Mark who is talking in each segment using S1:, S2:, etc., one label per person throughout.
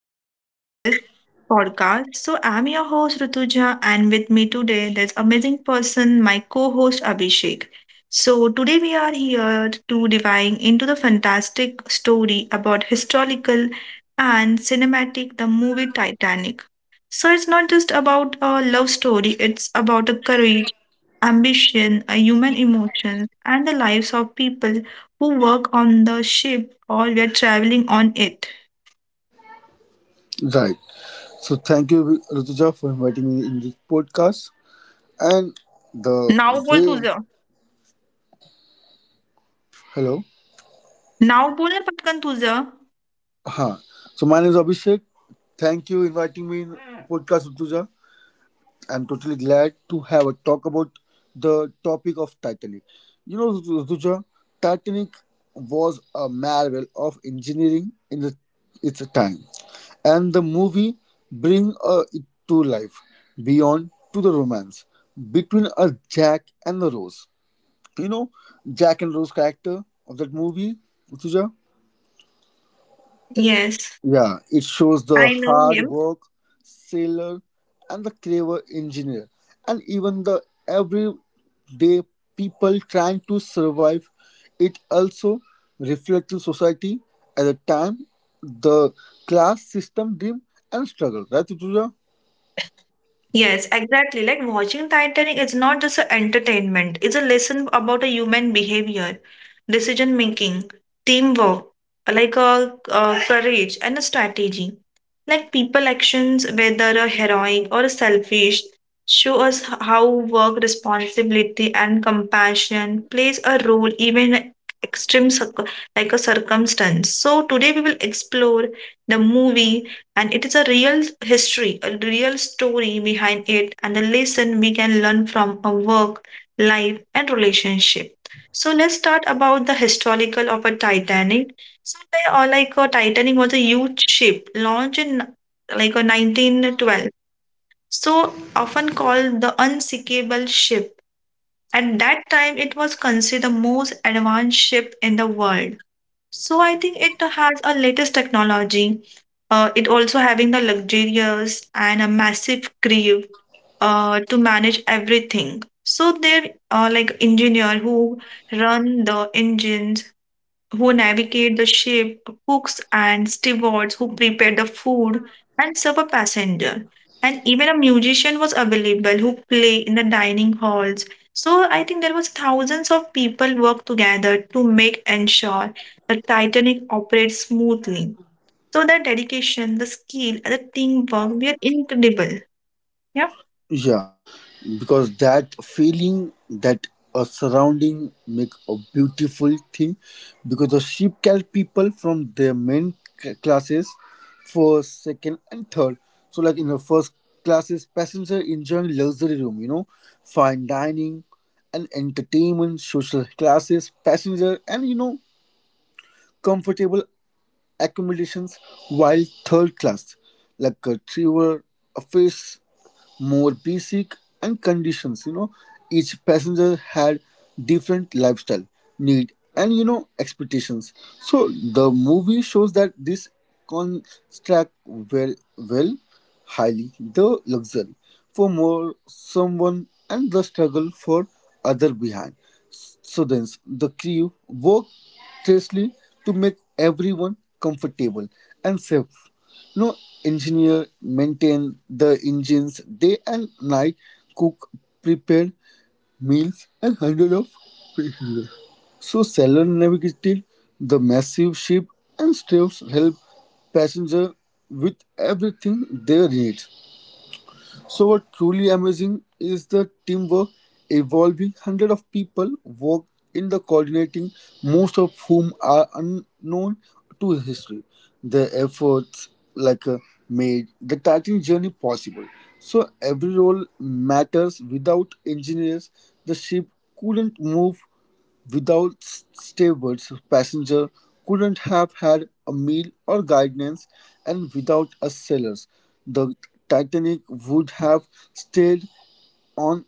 S1: Of this podcast. So I'm your host Rutuja, and with me today this amazing person, my co-host Abhishek. So today we are here to diving into the fantastic story about historical and cinematic the movie Titanic. So it's not just about a love story, it's about a courage ambition, human emotions, and the lives of people who work on the ship or we are traveling on it.
S2: Right. So thank you, Rutuja, for inviting me in this podcast. And the
S1: नाव बोल
S2: way,
S1: तुझं
S2: hello,
S1: नाव बोल ना पटकन तुझं
S2: huh? So my name is Abhishek. Thank you inviting me in podcast, Rutuja. I'm totally glad to have a talk about the topic of Titanic. You know, Ruja, Titanic was a marvel of engineering in the, its time, and the movie bring it to life beyond to the romance between a Jack and the Rose. You know, Jack and Rose character of that movie, Ruja.
S1: Yes.
S2: Yeah, it shows the
S1: I know
S2: hard
S1: him.
S2: work, sailor, and the clever engineer, and even the everyday people trying to survive. It also reflects the society at the time, the class system, dream, and struggle. Right, Tutuja?
S1: Yes, exactly. Like watching Titanic is not just a entertainment, it's a lesson about a human behavior, decision making, teamwork, like a, courage and a strategy. Like people actions, whether a heroic or a selfish, show us how work responsibility and compassion plays a role even in extreme circ- like a circumstance. So today we will explore the movie and it is a real history, a real story behind it, and the lesson we can learn from a work life and relationship. So let's start about the historical of a Titanic. So they are like a Titanic was a huge ship launched in like a 1912, so often called the unsinkable ship. At that time it was considered the most advanced ship in the world. So I think it has a latest technology. It also having the luxurious and a massive crew to manage everything. So there are like engineer who run the engines, who navigate the ship, cooks and stewards who prepare the food and serve a passenger. And even a musician was available who play in the dining halls. So I think there was thousands of people work together to make ensure the Titanic operates smoothly. So the dedication, the skill, and the teamwork were incredible. Yeah.
S2: Yeah, because that feeling that a surrounding make a beautiful thing because the sheep carry people from their main classes first, second, and third. So like in the first classes passenger enjoying luxury room, you know, fine dining and entertainment, social classes passenger, and you know, comfortable accommodations, while third class, like a traveler, face more basic and conditions. You know, each passenger had different lifestyle need and you know expectations. So the movie shows that this construct well highly the luxury for more someone and the struggle for other behind. Students, the crew worked tirelessly to make everyone comfortable and safe. No engineer maintained the engines day and night, cook prepared meals, and hundred of so sailor navigated the massive ship, and staves helped passenger with everything they need. So what truly amazing is the teamwork evolving. Hundred of people work in the coordinating, most of whom are unknown to history. Their efforts, like uh, made the Titan journey possible. So every role matters. Without engineers, the ship couldn't move. Without stables, passengers couldn't have had a meal or guidance, and without a sailors, the Titanic would have stayed on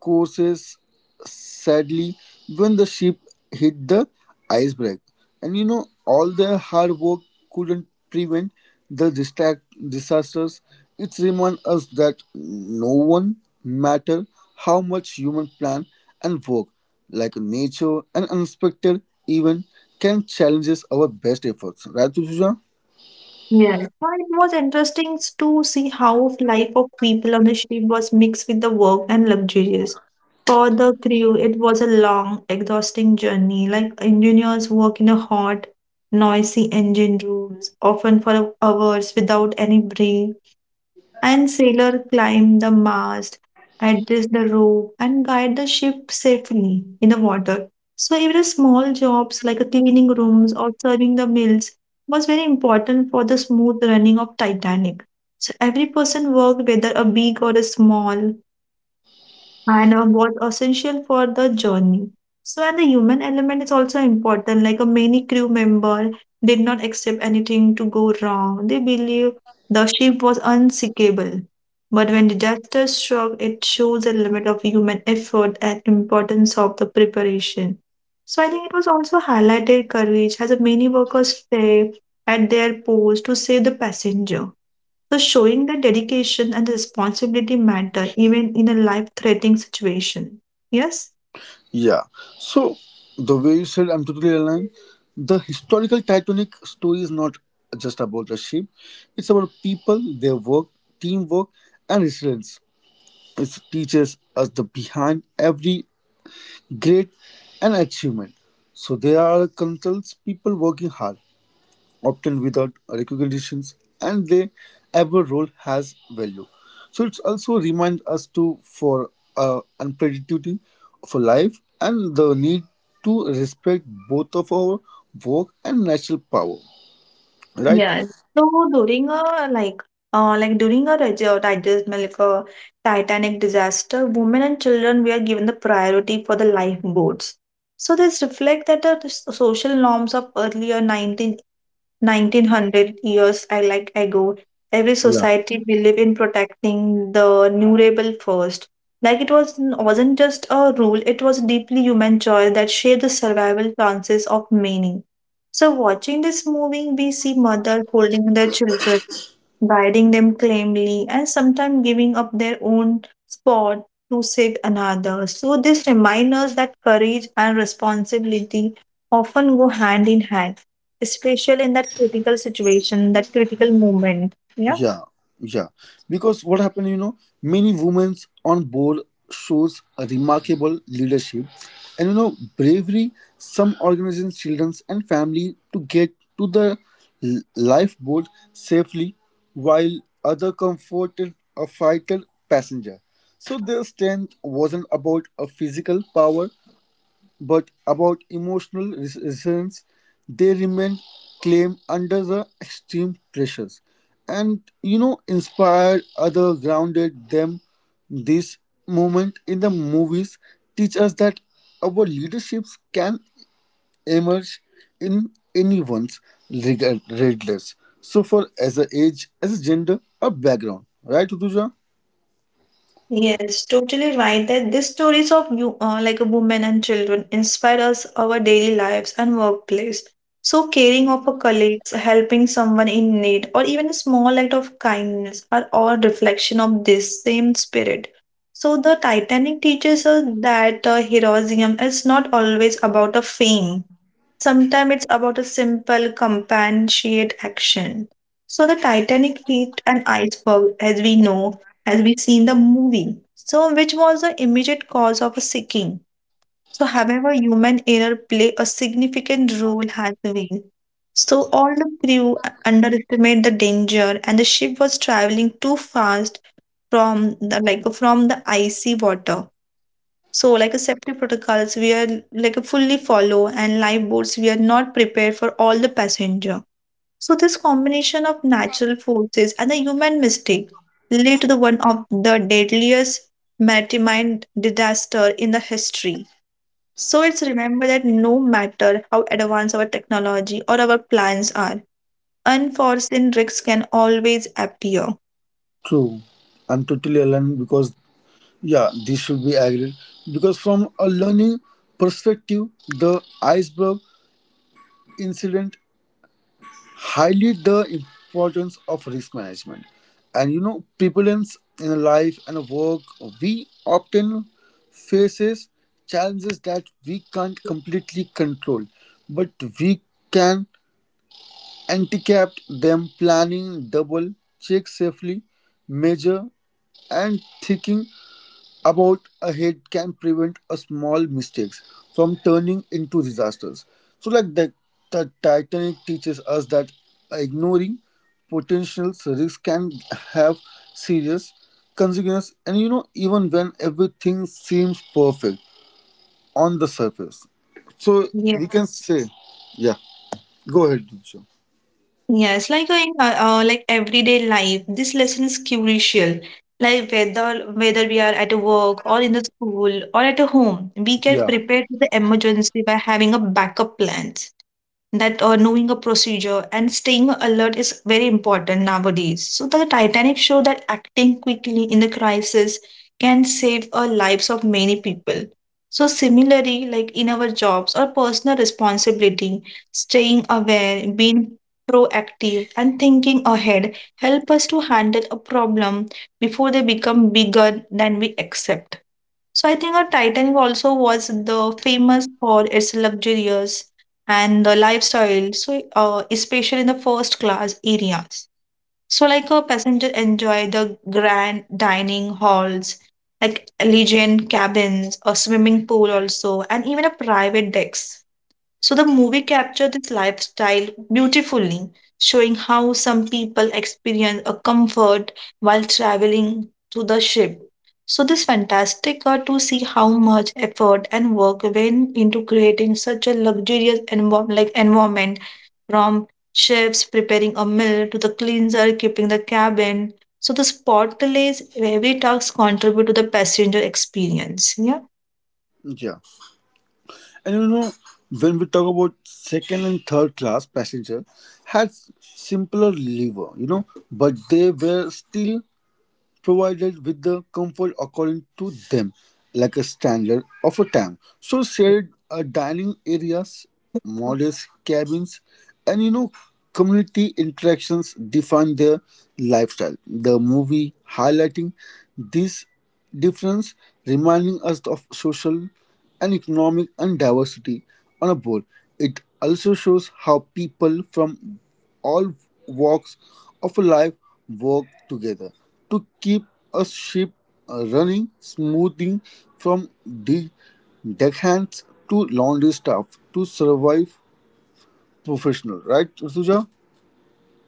S2: courses. Sadly, when the ship hit the iceberg, and you know, all the hard work couldn't prevent the distract disasters. It reminds us that no one matter how much human plan and work, like nature and unexpected event can challenges our best efforts, right, Tujuja?
S1: Yeah, now, it was to see how life of people on the ship was mixed with the work and luxuries. For the crew, it was a long, exhausting journey. Like engineers work in a hot, noisy engine rooms, often for hours without any break, and sailor climb the mast, adjust the rope, and guide the ship safely in the water. So even small jobs like cleaning rooms or serving the meals was very important for the smooth running of Titanic. So every person worked, whether a big or a small, and was essential for the journey. So, and the human element is also important. Like a many crew member did not accept anything to go wrong. They believe the ship was unsinkable. But when disaster struck, it shows the limit of human effort and importance of the preparation. So I think it was also highlighted courage as many workers stay at their post to save the passenger, so showing that dedication and responsibility matter even in a life-threatening situation. Yes.
S2: Yeah. So the way you said, I'm totally aligned. The historical Titanic story is not just about the ship; it's about people, their work, teamwork, and resilience. It teaches us the behind every great and achievement. So there are countless people working hard, often without recognitions, and they our role has value. So it's also reminds us to for unpredictability for life and the need to respect both of our work and natural power. Right?
S1: Yes. So during a like during a digest like a Titanic disaster, women and children were given the priority for the lifeboats. So this reflect that the social norms of earlier 19. 1900 years I like ago, every
S2: Yeah.
S1: society believed in protecting the vulnerable first. It wasn't just a rule; it was a deeply human choice that shaped the survival chances of many. So, watching this movie, we see mother holding their children, guiding them calmly, and sometimes giving up their own spot to save another. So, this reminds us that courage and responsibility often go hand in hand, especially in that critical situation, that critical moment. Yeah.
S2: Yeah, yeah. Because what happened, you know, many women on board shows a remarkable leadership and you know bravery. Some organizations, children, and family to get to the lifeboat safely, while other comforted a fighter passenger. So their strength wasn't about a physical power; but about emotional resilience, they remain calm under the extreme pressures, and you know inspired other grounded them. This moment in the movies teach us that our leaderships can emerge in anyone's regardless. So for as a age, as a gender, a background, right, Utuja?
S1: Yes, totally right. That these stories of you, like women and children, inspire us our daily lives and workplace. So caring of our colleagues, helping someone in need, or even a small act of kindness are all reflection of this same spirit. So the Titanic teaches us that heroism is not always about a fame. Sometimes it's about a simple compassionate action. So the Titanic hit an iceberg, as we know, as we see in the movie. So which was the immediate cause of a sinking. So however, human error play a significant role as well. So all the crew underestimate the danger, and the ship was traveling too fast from the like from the icy water. So, like a safety protocols, we are like a fully follow, and lifeboats, we are not prepared for all the passenger. So, this combination of natural forces and the human mistake lead to the one of the deadliest maritime disaster in the history. So, it's remember that no matter how advanced our technology or our plans are, unforeseen risks can always appear.
S2: True. I'm totally aligned because yeah, this should be agreed because from a learning perspective, the iceberg incident highlight the importance of risk management. And you know, prevalence in life and work, we often faces challenges that we can't completely control, but we can handicap them planning, double check safely, measure and thinking about ahead can prevent a small mistakes from turning into disasters. So, like the Titanic teaches us that ignoring potential risks can have serious consequences, and you know, even when everything seems perfect on the surface. So, we can say, yeah, go ahead, Diksha.
S1: Yes, like in like everyday life, this lesson is crucial. Like whether we are at work or in the school or at a home, we can
S2: Yeah,
S1: prepare to the emergency by having a backup plan that knowing a procedure and staying alert is very important nowadays. So the Titanic showed that acting quickly in the crisis can save lives of many people. So similarly, like in our jobs or personal responsibility, staying aware, being proactive, and thinking ahead help us to handle a problem before they become bigger than we accept. So I think a Titanic also was the famous for its luxurious and the lifestyle. So especially in the first class areas. So like a passenger enjoy the grand dining halls, like elegant cabins, a swimming pool also, and even a private decks. So the movie captured this lifestyle beautifully, showing how some people experience a comfort while traveling to the ship. So this fantastic to see how much effort and work went into creating such a luxurious like environment, from chefs preparing a meal to the cleanser keeping the cabin. So the spotless every task contribute to the passenger experience. Yeah.
S2: yeah. And you know, when we talk about second and third class passenger had simpler liver, you know, but they were still provided with the comfort according to them, like a standard of a time. So shared dining areas, modest cabins, and you know community interactions define their lifestyle. The movie highlighting this difference, reminding us of social and economic and diversity on a board. It also shows how people from all walks of life work together to keep a ship running smoothly from the deckhands to laundry staff to survive professional, right, Rituja?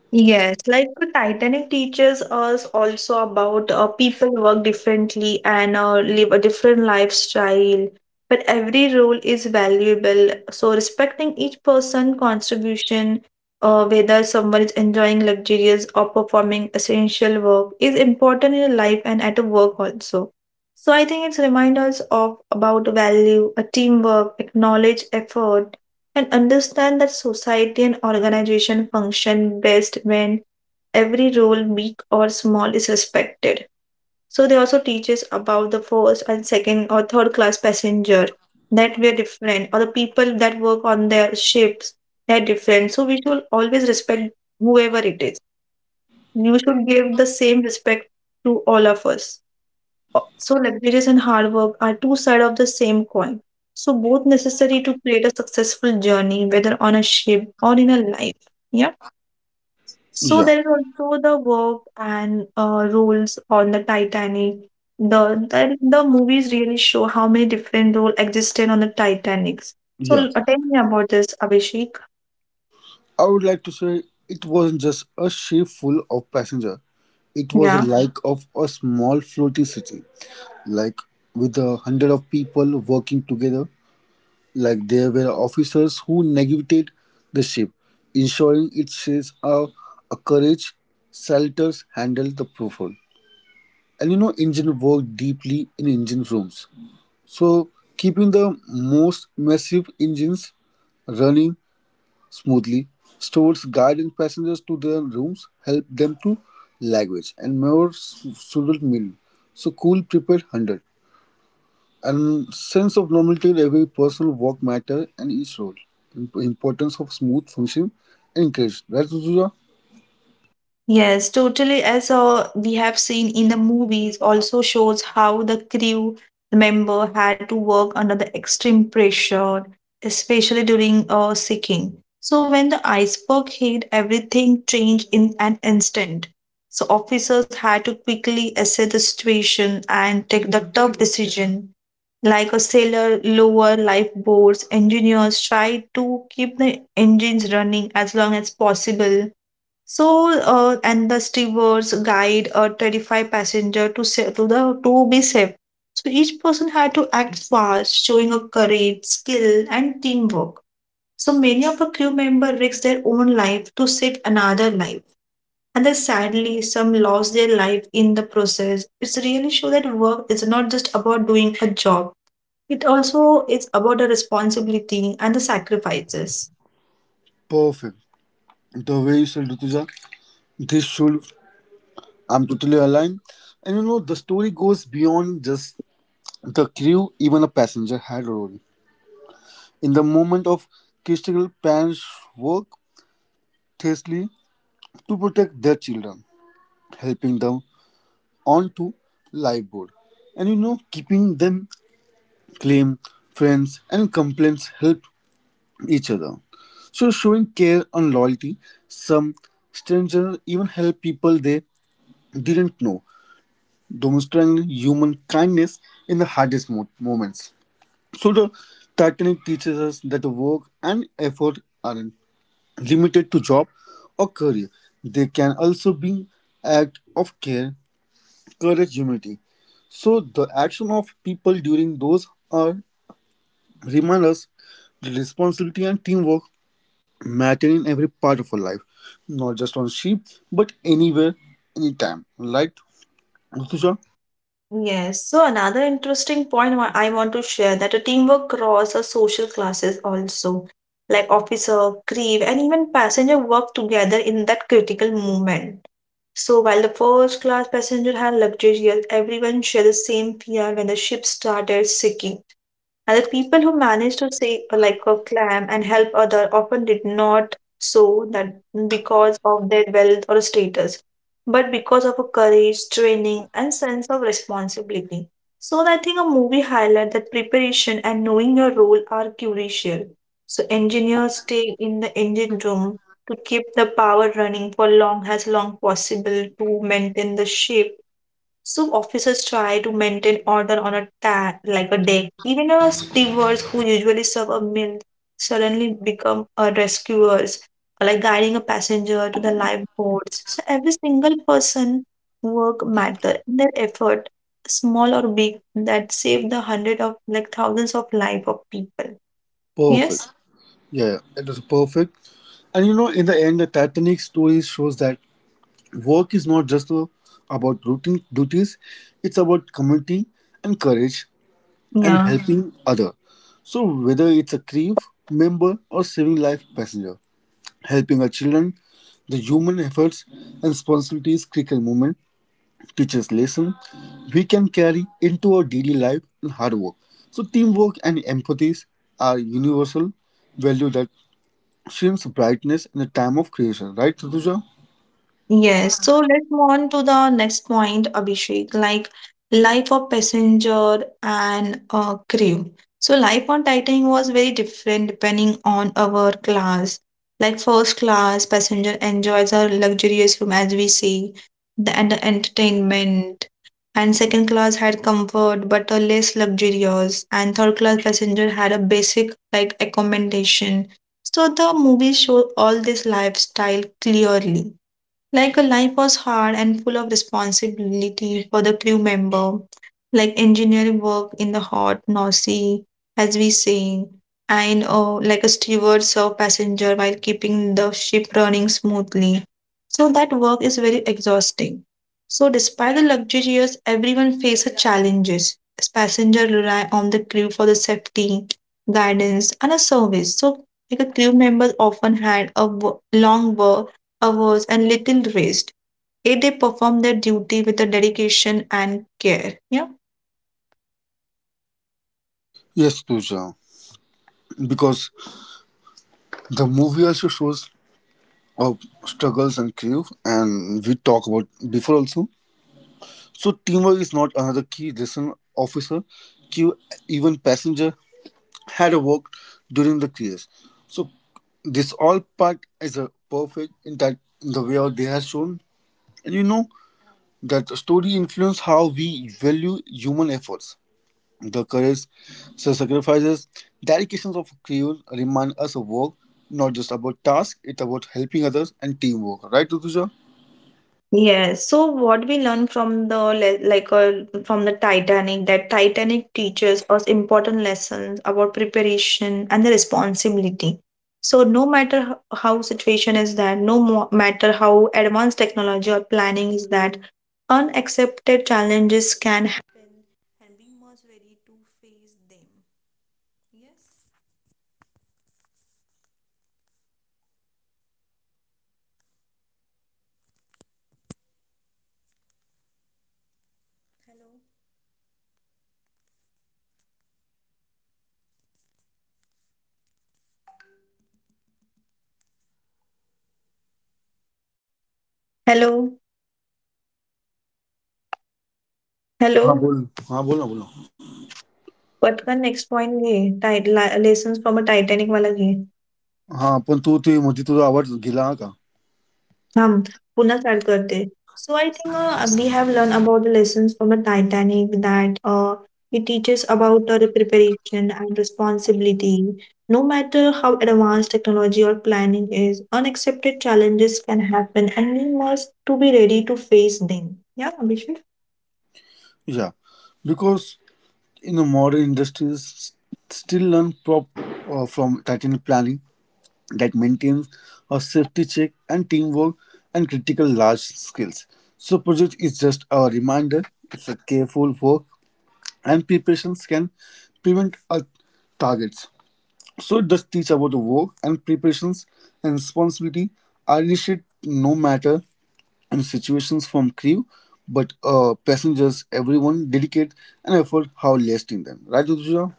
S1: Yes, like the Titanic teaches us also about people work differently and live a different lifestyle, but every role is valuable. So respecting each person' contribution, whether someone is enjoying luxurious or performing essential work, is important in life and at work also. So I think it's remind us of about value, a teamwork, acknowledge effort and understand that society and organization function best when every role, big or small, is respected. So they also teach us about the first and second or third class passenger that we are different, or the people that work on their ships they're different. So we should always respect whoever it is. You should give the same respect to all of us. So, luxurious and hard work are two sides of the same coin. So, both necessary to create a successful journey, whether on a ship or in a life. Yeah. So,
S2: Yeah.
S1: there is also the work and roles on the Titanic. The, the movies really show how many different roles existed on the Titanic.
S2: Yeah,
S1: So, tell me about this, Abhishek.
S2: I would like to say it wasn't just a ship full of passengers, it was a
S1: Yeah.
S2: like of a small floating city, like with a hundred of people working together. Like there were officers who navigated the ship, ensuring its sails are anchorage, shelters handled the profile. And you know, engine worked deeply in engine rooms. So keeping the most massive engines running smoothly, stores guiding passengers to their rooms, help them to language and more suitable meal. So cool prepared 100 and sense of normality in every personal work matter and each role. Importance of smooth function and encouraged. Right, Rutuja?
S1: Yes, totally. As we have seen in the movies, also shows how the crew member had to work under the extreme pressure, especially during sinking. So when the iceberg hit, everything changed in an instant. So officers had to quickly assess the situation and take the tough decision. Like a sailor, lower lifeboats, engineers tried to keep the engines running as long as possible. So, and the stewards guide or terrify passenger to sa- to the to be safe. So each person had to act fast, showing a courage, skill, and teamwork. So many of the crew member risked their own life to save another life, and then sadly, some lost their life in the process. It's really show that work is not just about doing a job; it also is about the responsibility and the sacrifices.
S2: Perfect. The way you said, Rutuja, this should, I'm totally aligned. And you know, the story goes beyond just the crew, even a passenger had a role. In the moment of critical parents work fiercely to protect their children, helping them onto lifeboat. And you know, keeping them claim, friends, and complaints help each other. So, showing care and loyalty, some strangers even help people they didn't know, demonstrating human kindness in the hardest moments. So, the Titanic teaches us that work and effort aren't limited to job or career, they can also be act of care, courage, humility. So, the action of people during those are remind us that responsibility and teamwork matter in every part of our life, not just on sheep, but anywhere, anytime. Right, Rutusha?
S1: Yes. So another interesting point I want to share that a teamwork crosses social classes also. Like officer, crew, and even passenger work together in that critical moment. So while the first class passenger had luxury, everyone shared the same fear when the ship started sinking. And the people who managed to save like a clam and help other often did not so that because of their wealth or status, but because of a courage, training, and sense of responsibility. So I think a movie highlight that preparation and knowing your role are crucial. So engineers stay in the engine room to keep the power running for long as long possible to maintain the ship. So officers try to maintain order on a like a deck. Even our stewards who usually serve a meal suddenly become rescuers, like guiding a passenger to the lifeboats. So every single person work matter and their effort, small or big, that save the hundred of like thousands of life of people.
S2: Perfect.
S1: Yes.
S2: Yeah, it was perfect. And you know, in the end, the Titanic story shows that work is not just about routine duties; it's about community and courage and
S1: Yeah.
S2: helping other. So whether it's a crew member or saving life passenger, helping our children. The human efforts and responsibilities critical movement teaches lesson we can carry into our daily life and hard work. So teamwork and empathy are universal value that shines brightness in the time of creation. Right, Tuja?
S1: Yes, so let's move on to the next point, Abhishek, like life of passenger and crew. So life on Titan was very different depending on our class. Like first class, passenger enjoys a luxurious room as we see, and the entertainment. And second class had comfort but a less luxurious. And third class passenger had a basic like accommodation. So the movie show all this lifestyle clearly. Like a life was hard and full of responsibility for the crew member, like engineering work in the hot, noisy, as we say, and like a steward serve passenger while keeping the ship running smoothly. So that work is very exhausting. So despite the luxurious, everyone faces challenges. As passenger rely on the crew for the safety, guidance, and a service. So like a crew members often had a long work hours, and little rest, yet they perform their duty with the dedication and care. Yeah.
S2: Yes, Tuja. Because the movie also shows our struggles and grief, and we talk about before also. So teamwork is not another key lesson officer, key even passenger had worked during the crease. So this all part is a perfect in that in the way they have shown. And you know that the story influence how we value human efforts. The courage, the sacrifices, dedications of crew remind us of work, not just about task, it's about helping others and teamwork. Right, Tutuja?
S1: Yes. So what we learn from the like, from the Titanic that Titanic teaches us important lessons about preparation and the responsibility. So no matter how situation is that, no matter how advanced technology or planning is that, unaccepted challenges can hello
S2: हाँ बोल. हाँ बोल ना बोलो.
S1: पटकन next point ये tight lessons from a Titanic वाला ये
S2: हाँ पण तू ते मध्ये तुझा आवाज गेला हा का.
S1: हम पुनः स्टार्ट करते so I think we have learn about the lessons from a Titanic that it teaches about the preparation and responsibility. No matter how advanced technology or planning is, unaccepted challenges can happen, and we must to be ready to face them. Yeah, Abhishek.
S2: या because, you know, modern industries still learn from titanic planning that maintains a safety check and teamwork and critical large skills. So project is just a reminder, it's a careful work and preparations can prevent our targets. So it does teach about the work and preparations and responsibility are initiated no matter in situations from crew but passengers everyone dedicate an effort how lasting them, right, Uduja?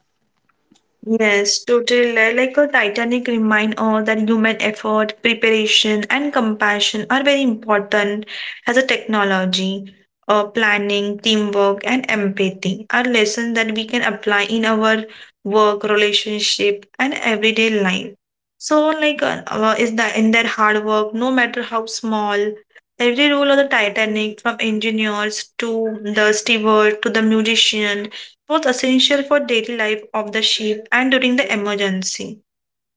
S1: Yes, totally. Like a Titanic remind all that human effort, preparation, and compassion are very important as a technology. Planning, teamwork, and empathy are lessons that we can apply in our work, relationship, and everyday life. So, like, is that in their hard work, no matter how small, every role of the Titanic, from engineers to the steward to the musician, was essential for daily life of the ship and during the emergency.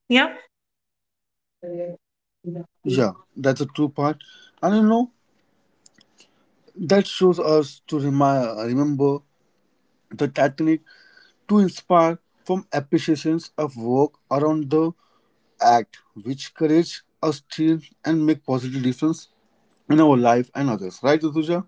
S1: Yeah,
S2: Yeah, that's a true part. And you know, that shows us to remember the Titanic to inspire from appreciations of work around the act, which courage us to and make positive difference in our life and others. Right, Rituja?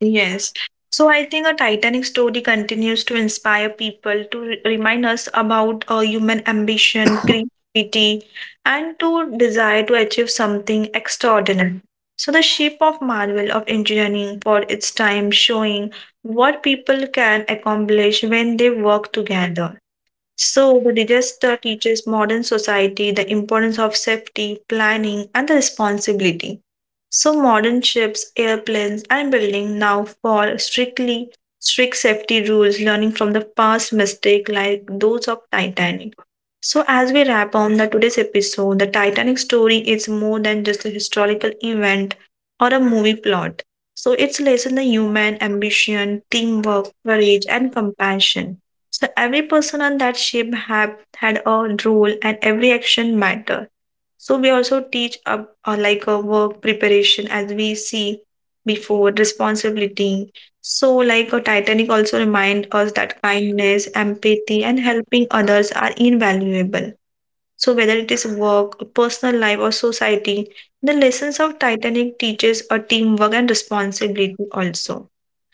S1: yes. So I think a Titanic story continues to inspire people to remind us about human ambition, creativity, and to desire to achieve something extraordinary. So the ship of marvel of engineering for its time showing what people can accomplish when they work together. So, the disaster teaches modern society the importance of safety, planning, and the responsibility. So, modern ships, airplanes, and buildings now follow strict safety rules, learning from the past mistakes like those of Titanic. So, as we wrap on the today's episode, the Titanic story is more than just a historical event or a movie plot. So, it's lesson the human ambition, teamwork, courage, and compassion. So every person on that ship have had a role and every action mattered. So we also teach a like a work preparation as we see before responsibility. So like a Titanic also remind us that kindness, empathy, and helping others are invaluable. So whether it is work, personal life, or society, the lessons of Titanic teaches a teamwork and responsibility also.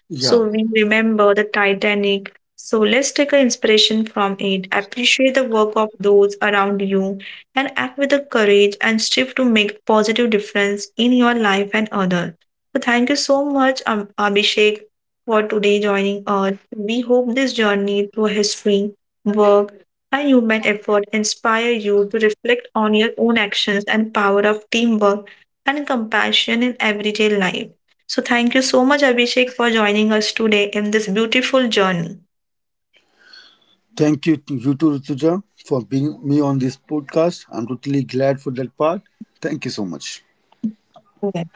S2: Yeah.
S1: So we remember the Titanic. So let's take an inspiration from it. Appreciate the work of those around you and act with the courage and strive to make a positive difference in your life and others. So thank you so much, Abhishek, for today joining us. We hope this journey through history, work, and human effort inspire you to reflect on your own actions and power of teamwork and compassion in everyday life. So, thank you so much, Abhishek, for joining us today in this beautiful journey.
S2: Thank you to you too, Rituja, for being me on this podcast. I'm totally glad for that part. Thank you so much.
S1: Okay.